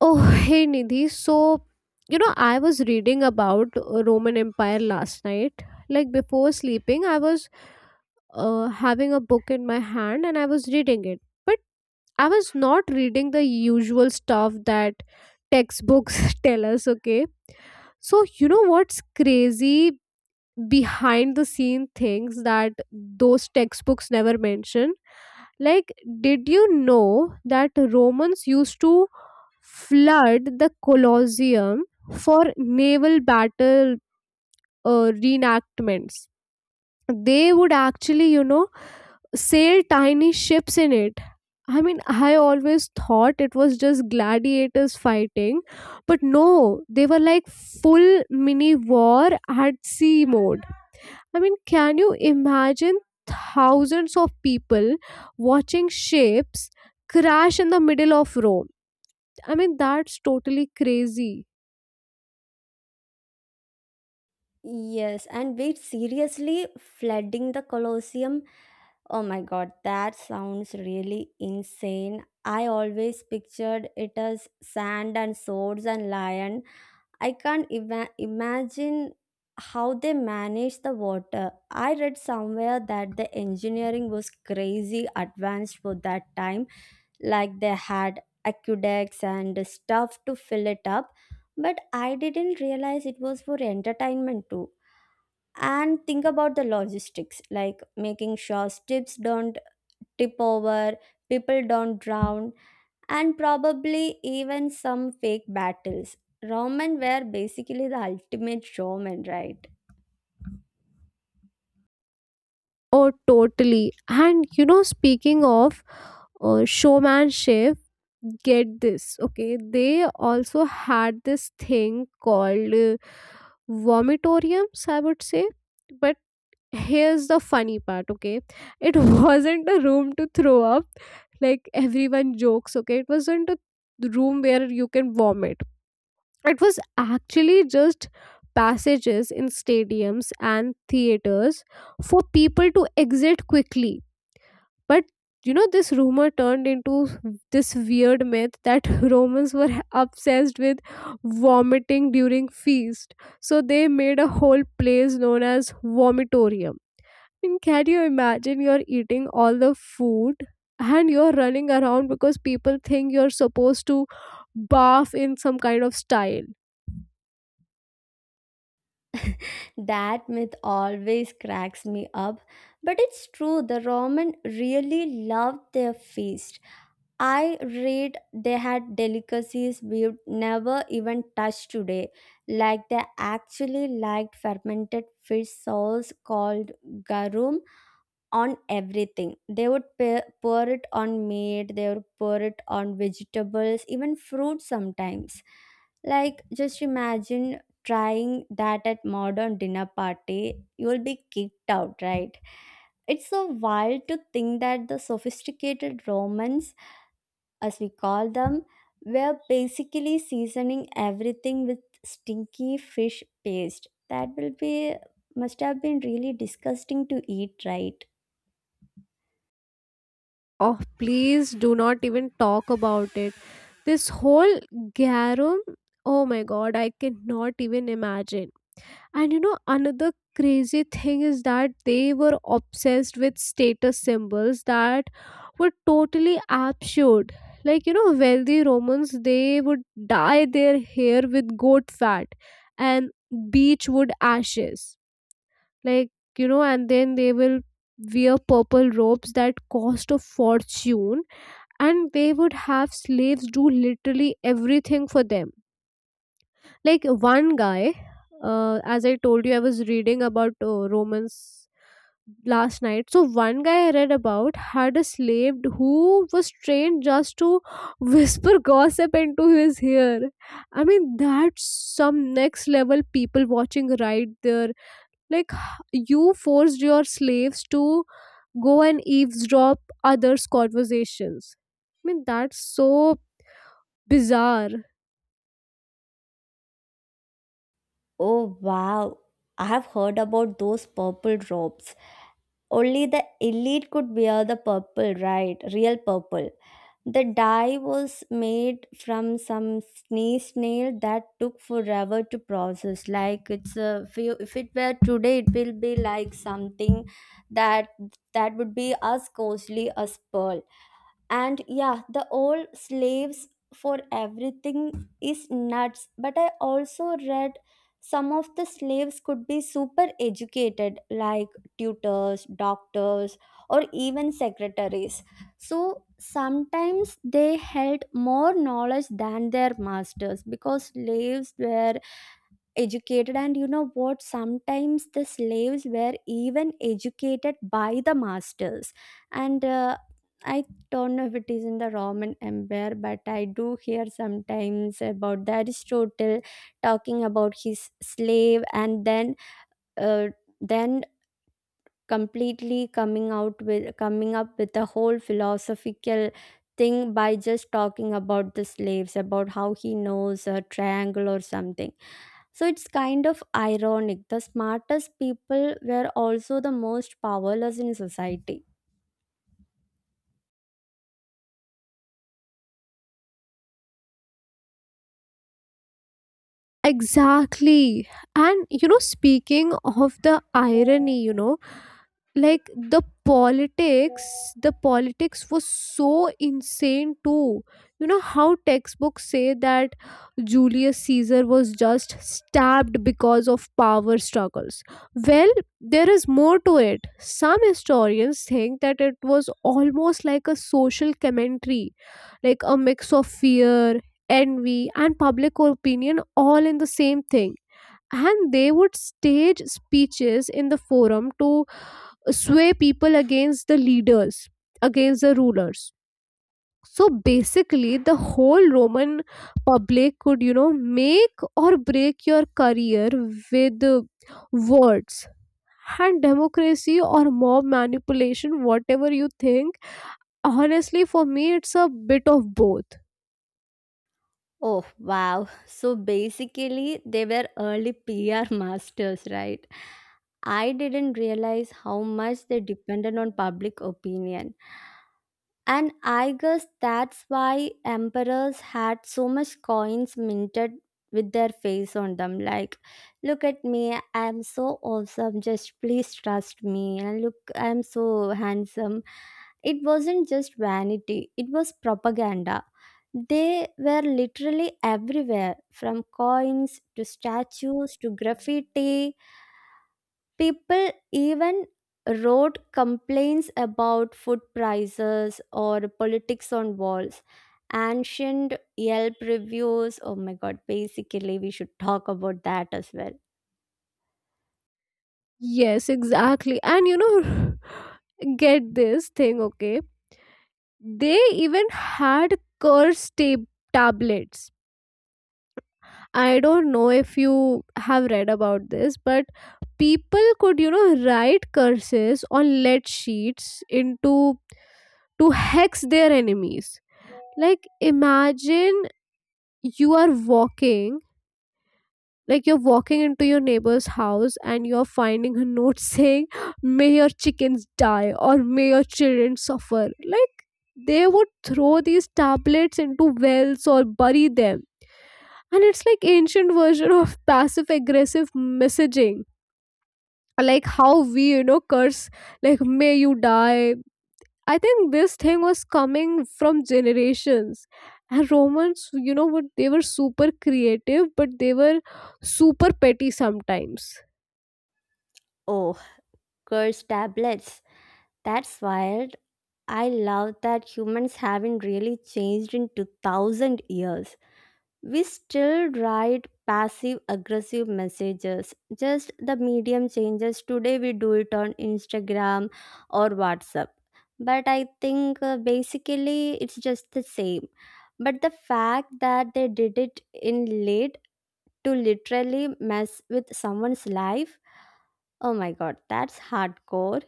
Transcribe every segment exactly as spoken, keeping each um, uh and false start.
Oh, hey Nidhi. So, you know, I was reading about uh, Roman Empire last night. Like before sleeping, I was uh, having a book in my hand and I was reading it. But I was not reading the usual stuff that textbooks tell us, okay? So, you know what's crazy behind the scene things that those textbooks never mention? Like, did you know that Romans used to flood the Colosseum for naval battle uh, reenactments? They would actually, you know, sail tiny ships in it. I mean, I always thought it was just gladiators fighting, but no, they were like full mini war at sea mode. I mean, can you imagine thousands of people watching ships crash in the middle of Rome? I mean, that's totally crazy. Yes, and wait, seriously, flooding the Colosseum? Oh my god, that sounds really insane. I always pictured it as sand and swords and lion. I can't ima- imagine how they manage the water. I read somewhere that the engineering was crazy advanced for that time, like they had aqueducts and stuff to fill it up, but I didn't realize it was for entertainment too, and think about the logistics, like making sure ships don't tip over, people don't drown, and probably even some fake battles. Roman were basically the ultimate showmen, right? Oh, totally. And you know, speaking of uh, showmanship, get this. Okay, they also had this thing called uh, vomitoriums, I would say. But here's the funny part, okay? It wasn't a room to throw up, like everyone jokes, okay? It wasn't a room where you can vomit. It was actually just passages in stadiums and theaters for people to exit quickly, but you know, this rumor turned into this weird myth that Romans were obsessed with vomiting during feast. So they made a whole place known as vomitorium. I mean, can you imagine you're eating all the food and you're running around because people think you're supposed to bath in some kind of style? That myth always cracks me up, but it's true, the roman really loved their feast. I read they had delicacies we've never even touched today, like they actually liked fermented fish sauce called garum on everything. They would pa- pour it on meat, they would pour it on vegetables, even fruit sometimes. Like, just imagine trying that at modern dinner party, you'll be kicked out, right? It's so wild to think that the sophisticated Romans, as we call them, were basically seasoning everything with stinky fish paste. That will be must have been really disgusting to eat, right? Oh, please do not even talk about it. This whole garum, oh my god, I cannot even imagine. And you know, another crazy thing is that they were obsessed with status symbols that were totally absurd. Like, you know, wealthy Romans, they would dye their hair with goat fat and beechwood ashes. Like, you know, and then they will wear purple robes that cost a fortune, and they would have slaves do literally everything for them. Like one guy, uh, as I told you, I was reading about uh, Romans last night. So one guy I read about had a slave who was trained just to whisper gossip into his ear. I mean, that's some next level people watching right there. Like h- you forced your slaves to go and eavesdrop others conversations. I mean, that's so bizarre. Oh wow. I have heard about those purple robes. Only the elite could wear the purple, right? Real purple. The dye was made from some sneeze snail that took forever to process. Like it's a if, if it were today, it will be like something that that would be as costly as pearl. And yeah, the old slaves for everything is nuts, but I also read some of the slaves could be super educated, like tutors, doctors, or even secretaries. So sometimes they held more knowledge than their masters because slaves were educated. And you know what, sometimes the slaves were even educated by the masters. And uh, I don't know if it is in the roman empire, but I do hear sometimes about the aristotle talking about his slave and then uh, then completely coming out with coming up with a whole philosophical thing by just talking about the slaves about how he knows a triangle or something. So it's kind of ironic. The smartest people were also the most powerless in society. Exactly. And you know speaking of the irony, you know like the politics the politics was so insane too. You know how textbooks say that Julius Caesar was just stabbed because of power struggles? Well, there is more to it. Some historians think that it was almost like a social commentary, like a mix of fear, envy, and public opinion all in the same thing. And they would stage speeches in the forum to sway people against the leaders, against the rulers. So basically, the whole Roman public could, you know, make or break your career with uh, words. And democracy or mob manipulation, whatever you think, honestly, for me, it's a bit of both. Oh, wow. So basically, they were early P R masters, right? I didn't realize how much they depended on public opinion. And I guess that's why emperors had so much coins minted with their face on them. Like, look at me, I'm so awesome, just please trust me. And look, I'm so handsome. It wasn't just vanity, it was propaganda. They were literally everywhere, from coins to statues to graffiti. People even wrote complaints about food prices or politics on walls. Ancient Yelp reviews. Oh my god, basically, we should talk about that as well. Yes, exactly. And you know, get this thing, okay? They even had curse tab- tablets. I don't know if you have read about this, but people could, you know, write curses on lead sheets into to hex their enemies. Like imagine you are walking, like you're walking into your neighbor's house and you're finding a note saying, "May your chickens die" or "may your children suffer." Like they would throw these tablets into wells or bury them, and it's like ancient version of passive aggressive messaging, like how we you know curse, like "may you die." I think this thing was coming from generations. And Romans, you know what, they were super creative, but they were super petty sometimes. Oh, cursed tablets. That's wild. I love that humans haven't really changed in two thousand years. We still write passive aggressive messages, just the medium changes. Today we do it on Instagram or WhatsApp. But I think uh, basically it's just the same. But the fact that they did it in late to literally mess with someone's life, oh my god, that's hardcore.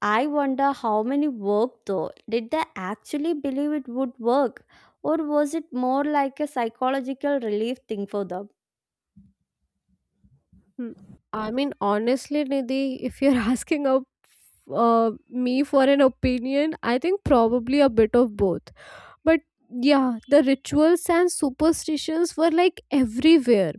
I wonder how many worked though. Did they actually believe it would work? Or was it more like a psychological relief thing for them? Hmm. I mean, honestly, Nidhi, if you're asking a, uh, me for an opinion, I think probably a bit of both. But yeah, the rituals and superstitions were like everywhere.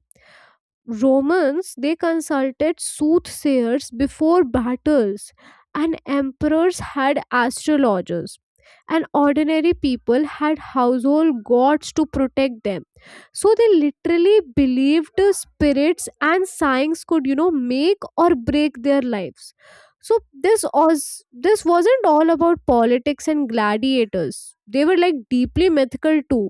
Romans, they consulted soothsayers before battles, and emperors had astrologers, and ordinary people had household gods to protect them. So they literally believed the spirits and signs could, you know make or break their lives. So this was this wasn't all about politics and gladiators. They were like deeply mythical too.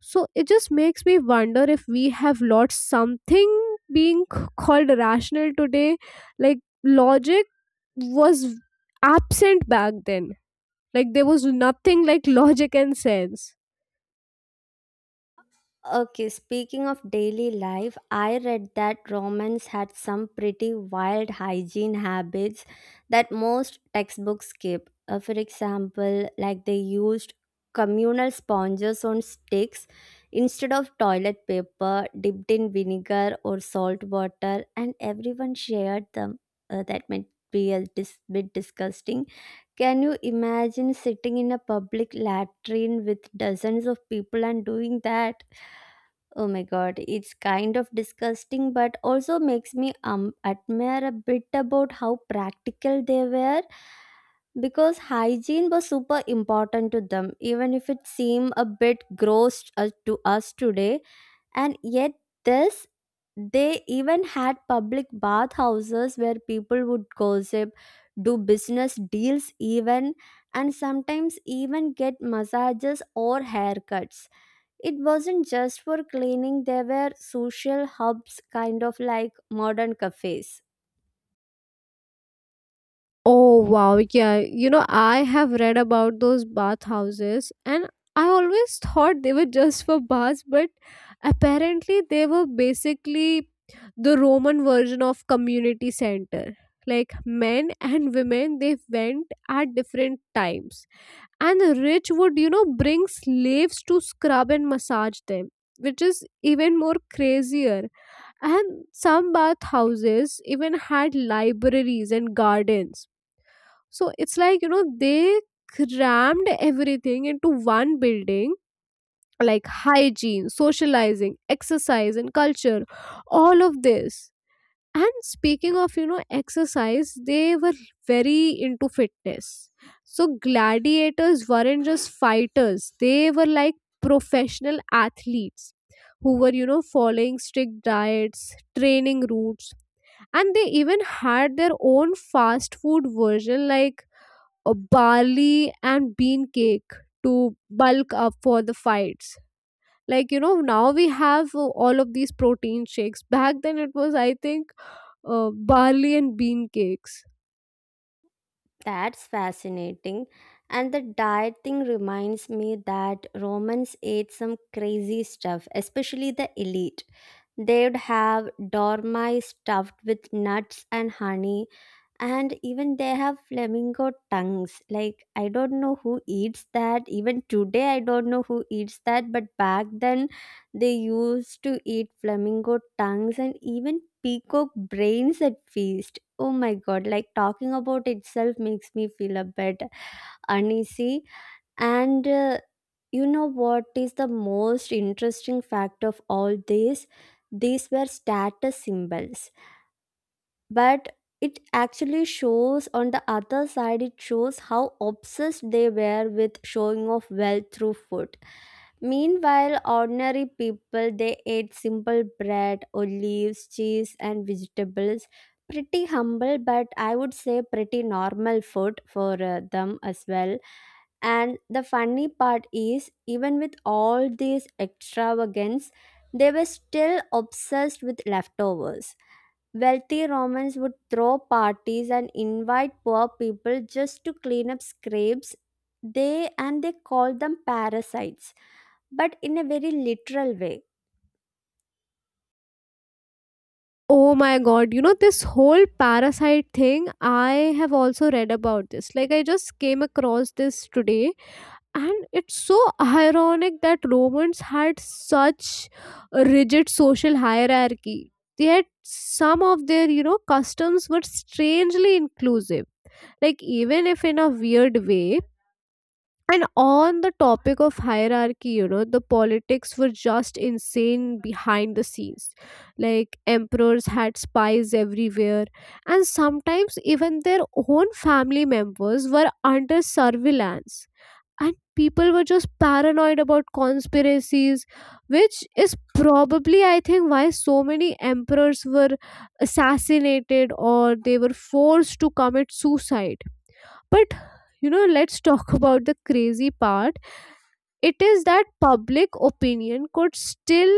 So it just makes me wonder if we have lost something being c- called rational today. Like logic was absent back then. Like there was nothing like logic and sense. Okay, speaking of daily life, I read that Romans had some pretty wild hygiene habits that most textbooks skip. Uh, for example, like they used communal sponges on sticks instead of toilet paper dipped in vinegar or salt water, and everyone shared them. Uh, that might be a dis- bit disgusting. Can you imagine sitting in a public latrine with dozens of people and doing that? Oh my god, it's kind of disgusting, but also makes me um admire a bit about how practical they were, because hygiene was super important to them, even if it seemed a bit gross uh, to us today. And yet, this they even had public bathhouses where people would gossip, do business deals, even, and sometimes even get massages or haircuts. It wasn't just for cleaning, there were social hubs, kind of like modern cafes. Oh wow, yeah. You know, I have read about those bathhouses, and I always thought they were just for baths, but apparently they were basically the Roman version of community center. Like men and women, they went at different times. And the rich would, you know, bring slaves to scrub and massage them, which is even more crazier. And some bathhouses even had libraries and gardens. So it's like, you know, they crammed everything into one building, like hygiene, socializing, exercise, and culture, all of this. And speaking of, you know, exercise, they were very into fitness. So gladiators weren't just fighters, they were like professional athletes who were, you know, following strict diets, training routes, and they even had their own fast food version, like uh, barley and bean cake to bulk up for the fights. Like you know, now we have uh, all of these protein shakes. Back then it was, I think, uh, barley and bean cakes. That's fascinating. And the diet thing reminds me that Romans ate some crazy stuff, especially the elite. They'd have dormice stuffed with nuts and honey, and even they have flamingo tongues. Like I don't know who eats that even today, I don't know who eats that, but back then they used to eat flamingo tongues and even peacock brains at feast. Oh my god, like talking about itself makes me feel a bit uneasy. And uh, you know what is the most interesting fact of all this, these were status symbols, but it actually shows, on the other side, it shows how obsessed they were with showing off wealth through food. Meanwhile, ordinary people they ate simple bread, olives, cheese, and vegetables. Pretty humble, but I would say pretty normal food for uh, them as well. And the funny part is, even with all these extravagance, they were still obsessed with leftovers. Wealthy Romans would throw parties and invite poor people just to clean up scrapes. They, and they called them parasites, but in a very literal way. Oh my god, you know, this whole parasite thing, I have also read about this, like I just came across this today, and it's so ironic that Romans had such a rigid social hierarchy, yet some of their, you know customs were strangely inclusive, like even if in a weird way. And on the topic of hierarchy, you know, the politics were just insane behind the scenes. Like emperors had spies everywhere, and sometimes even their own family members were under surveillance, and people were just paranoid about conspiracies, which is probably, I think, why so many emperors were assassinated or they were forced to commit suicide. But you know, let's talk about the crazy part. It is that public opinion could still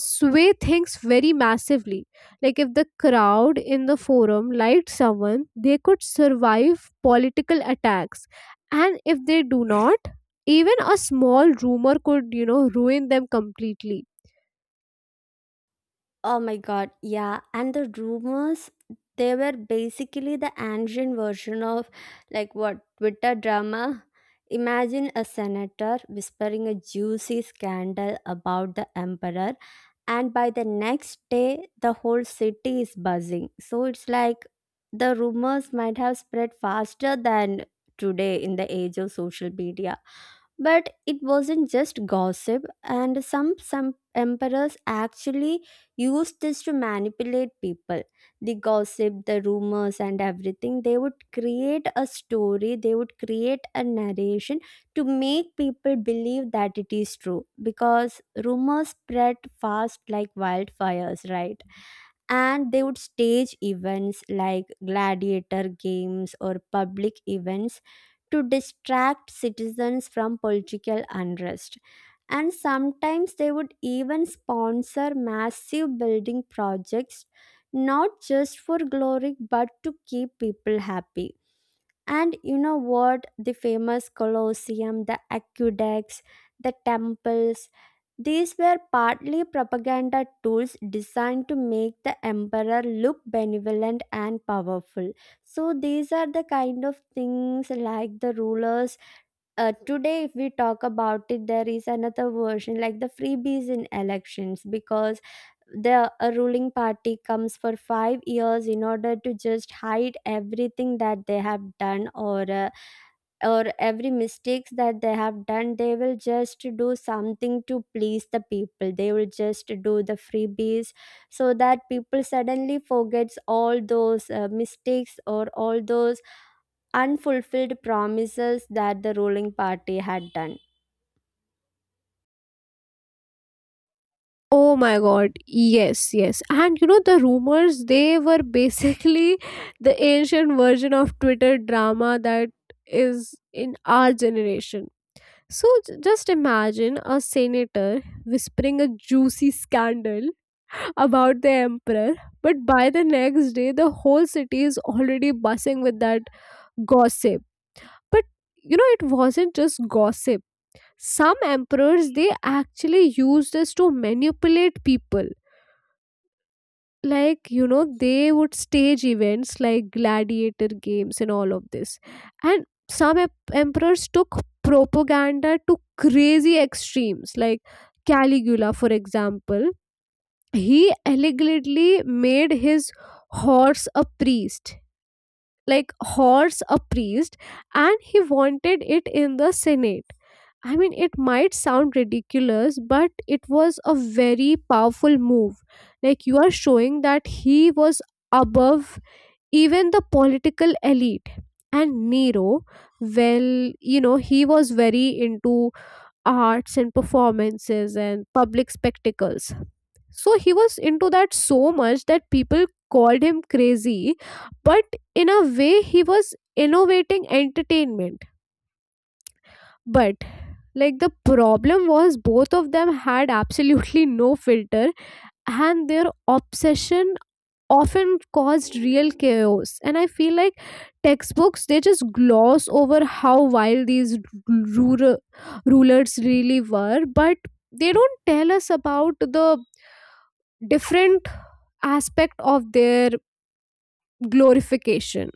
sway things very massively. Like if the crowd in the forum liked someone, they could survive political attacks, and if they do not, even a small rumor could, you know ruin them completely. Oh my god, yeah. And the rumors, they were basically the ancient version of like what Twitter drama. Imagine a senator whispering a juicy scandal about the emperor, and by the next day, the whole city is buzzing. So it's like the rumors might have spread faster than today in the age of social media. But it wasn't just gossip, and some, some emperors actually used this to manipulate people. The gossip, the rumors, and everything. They would create a story, they would create a narration to make people believe that it is true, because rumors spread fast like wildfires, right? And they would stage events like gladiator games or public events to distract citizens from political unrest. And sometimes they would even sponsor massive building projects, not just for glory but to keep people happy. And you know what? The famous Colosseum, the aqueducts, the temples, these were partly propaganda tools designed to make the emperor look benevolent and powerful. So, these are the kind of things like the rulers. Uh, today, if we talk about it, there is another version like the freebies in elections, because the uh, ruling party comes for five years in order to just hide everything that they have done, or uh, or every mistakes that they have done, they will just do something to please the people, they will just do the freebies so that people suddenly forgets all those uh, mistakes or all those unfulfilled promises that the ruling party had done. Oh my god, yes, yes. And you know, the rumors, they were basically the ancient version of Twitter drama that is in our generation. So j- just imagine a senator whispering a juicy scandal about the emperor, but by the next day, the whole city is already buzzing with that gossip. But you know, it wasn't just gossip. Some emperors, they actually used this to manipulate people. Like you know they would stage events like gladiator games and all of this. And some ep- emperors took propaganda to crazy extremes, like Caligula for example. He allegedly made his horse a priest, like horse a priest, and he wanted it in the Senate. I mean, it might sound ridiculous, but it was a very powerful move. Like, you are showing that he was above even the political elite. And Nero, well, you know, he was very into arts and performances and public spectacles. So he was into that so much that people called him crazy, but in a way, he was innovating entertainment. But like the problem was both of them had absolutely no filter, and their obsession often caused real chaos. And I feel like textbooks, they just gloss over how wild these rural rulers really were, but they don't tell us about the different aspect of their glorification.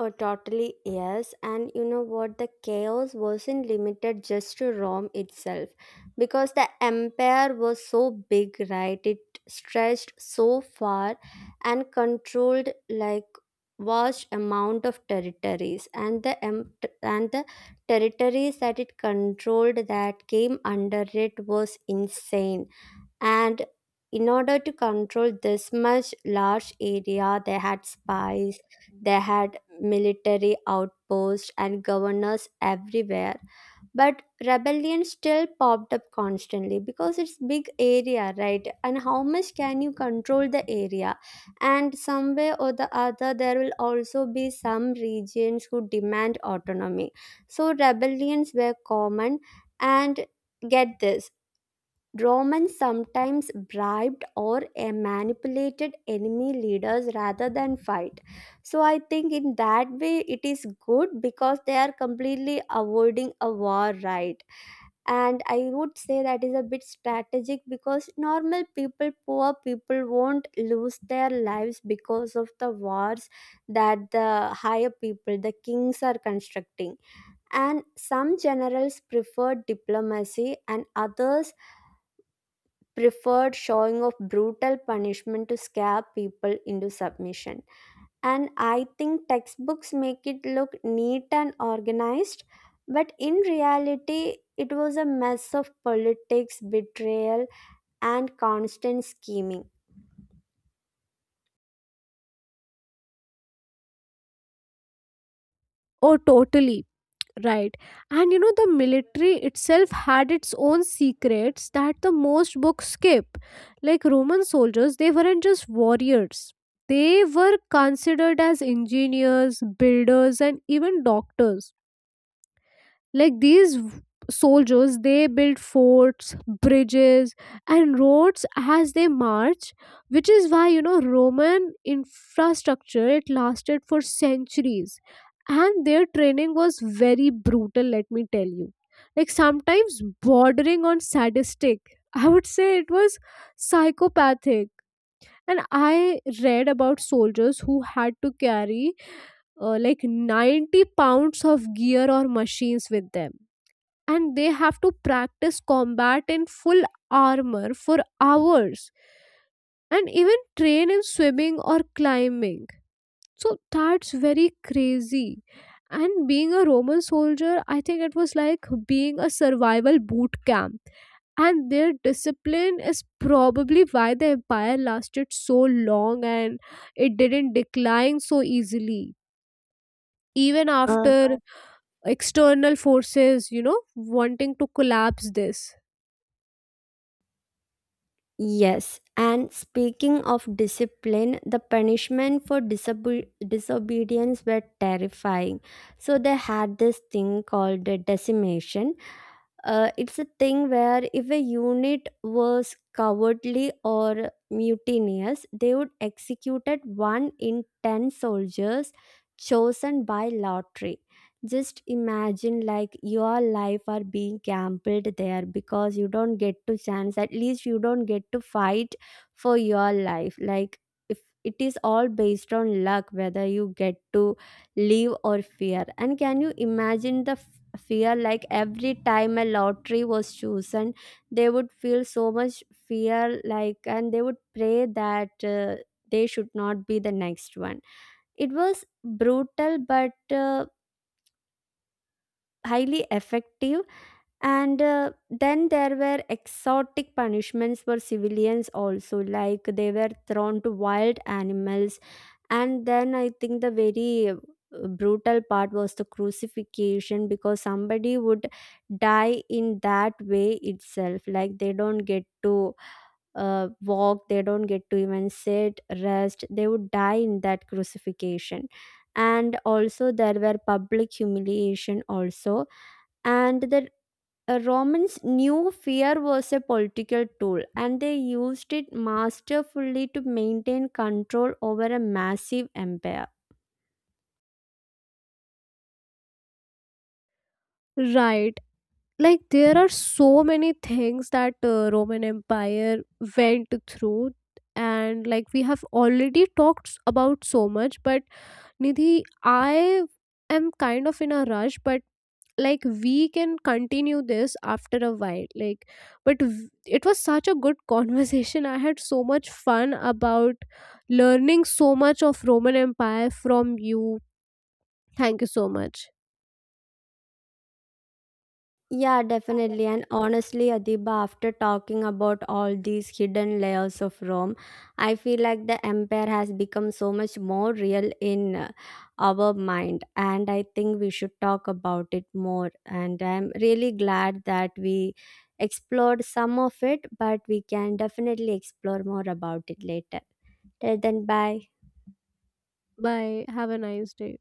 Oh, totally yes. And you know what? The chaos wasn't limited just to Rome itself, because the empire was so big, right? It stretched so far and controlled like vast amount of territories, and the em- and the territories that it controlled that came under it was insane. And in order to control this much large area, they had spies, they had military outposts and governors everywhere, but rebellion still popped up constantly, because it's big area, right, and how much can you control the area. And some way or the other, there will also be some regions who demand autonomy, so rebellions were common. And get this, Romans sometimes bribed or eh, manipulated enemy leaders rather than fight. So I think in that way it is good, because they are completely avoiding a war, right? And I would say that is a bit strategic, because normal people, poor people won't lose their lives because of the wars that the higher people, the kings, are constructing. And some generals preferred diplomacy, and others preferred showing of brutal punishment to scare people into submission. And I think textbooks make it look neat and organized, but in reality, it was a mess of politics, betrayal, and constant scheming. Oh totally. Right. And you know, the military itself had its own secrets that the most books skip. Like Roman soldiers, they weren't just warriors, they were considered as engineers, builders, and even doctors. Like these v- soldiers, they built forts, bridges, and roads as they march, which is why, you know, Roman infrastructure, it lasted for centuries. And their training was very brutal, let me tell you. Like sometimes bordering on sadistic, I would say it was psychopathic. And I read about soldiers who had to carry uh, like ninety pounds of gear or machines with them, and they have to practice combat in full armor for hours and even train in swimming or climbing. So that's very crazy. And being a Roman soldier, I think it was like being a survival boot camp. And their discipline is probably why the empire lasted so long and it didn't decline so easily, even Uh, after external forces, you know, wanting to collapse this. yes, and speaking of discipline, the punishment for disobe- disobedience were terrifying. So they had this thing called the decimation. Uh, it's a thing where if a unit was cowardly or mutinous, they would execute at one in ten soldiers chosen by lottery. Just imagine like your life are being gambled there, because you don't get to chance. At least you don't get to fight for your life. Like if it is all based on luck, whether you get to live or fear. And can you imagine the fear, like every time a lottery was chosen they would feel so much fear, like, and they would pray that uh, they should not be the next one. It was brutal, but uh, highly effective. And uh, then there were exotic punishments for civilians also, like they were thrown to wild animals. And then I think the very uh, brutal part was the crucifixion, because somebody would die in that way itself. Like they don't get to uh, walk, they don't get to even sit, rest, they would die in that crucifixion. And also, there were public humiliation, also. And the uh, Romans knew fear was a political tool, and they used it masterfully to maintain control over a massive empire. Right. Like there are so many things that uh, Roman Empire went through, and like we have already talked s- about so much, but Nidhi, I am kind of in a rush, but like we can continue this after a while. Like but v- it was such a good conversation. I had so much fun about learning so much of Roman Empire from you. Thank you so much. Yeah, definitely. And honestly, Adiba, after talking about all these hidden layers of Rome, I feel like the empire has become so much more real in uh, our mind. And I think we should talk about it more. And I'm really glad that we explored some of it, but we can definitely explore more about it later. Till then, bye. Bye, have a nice day.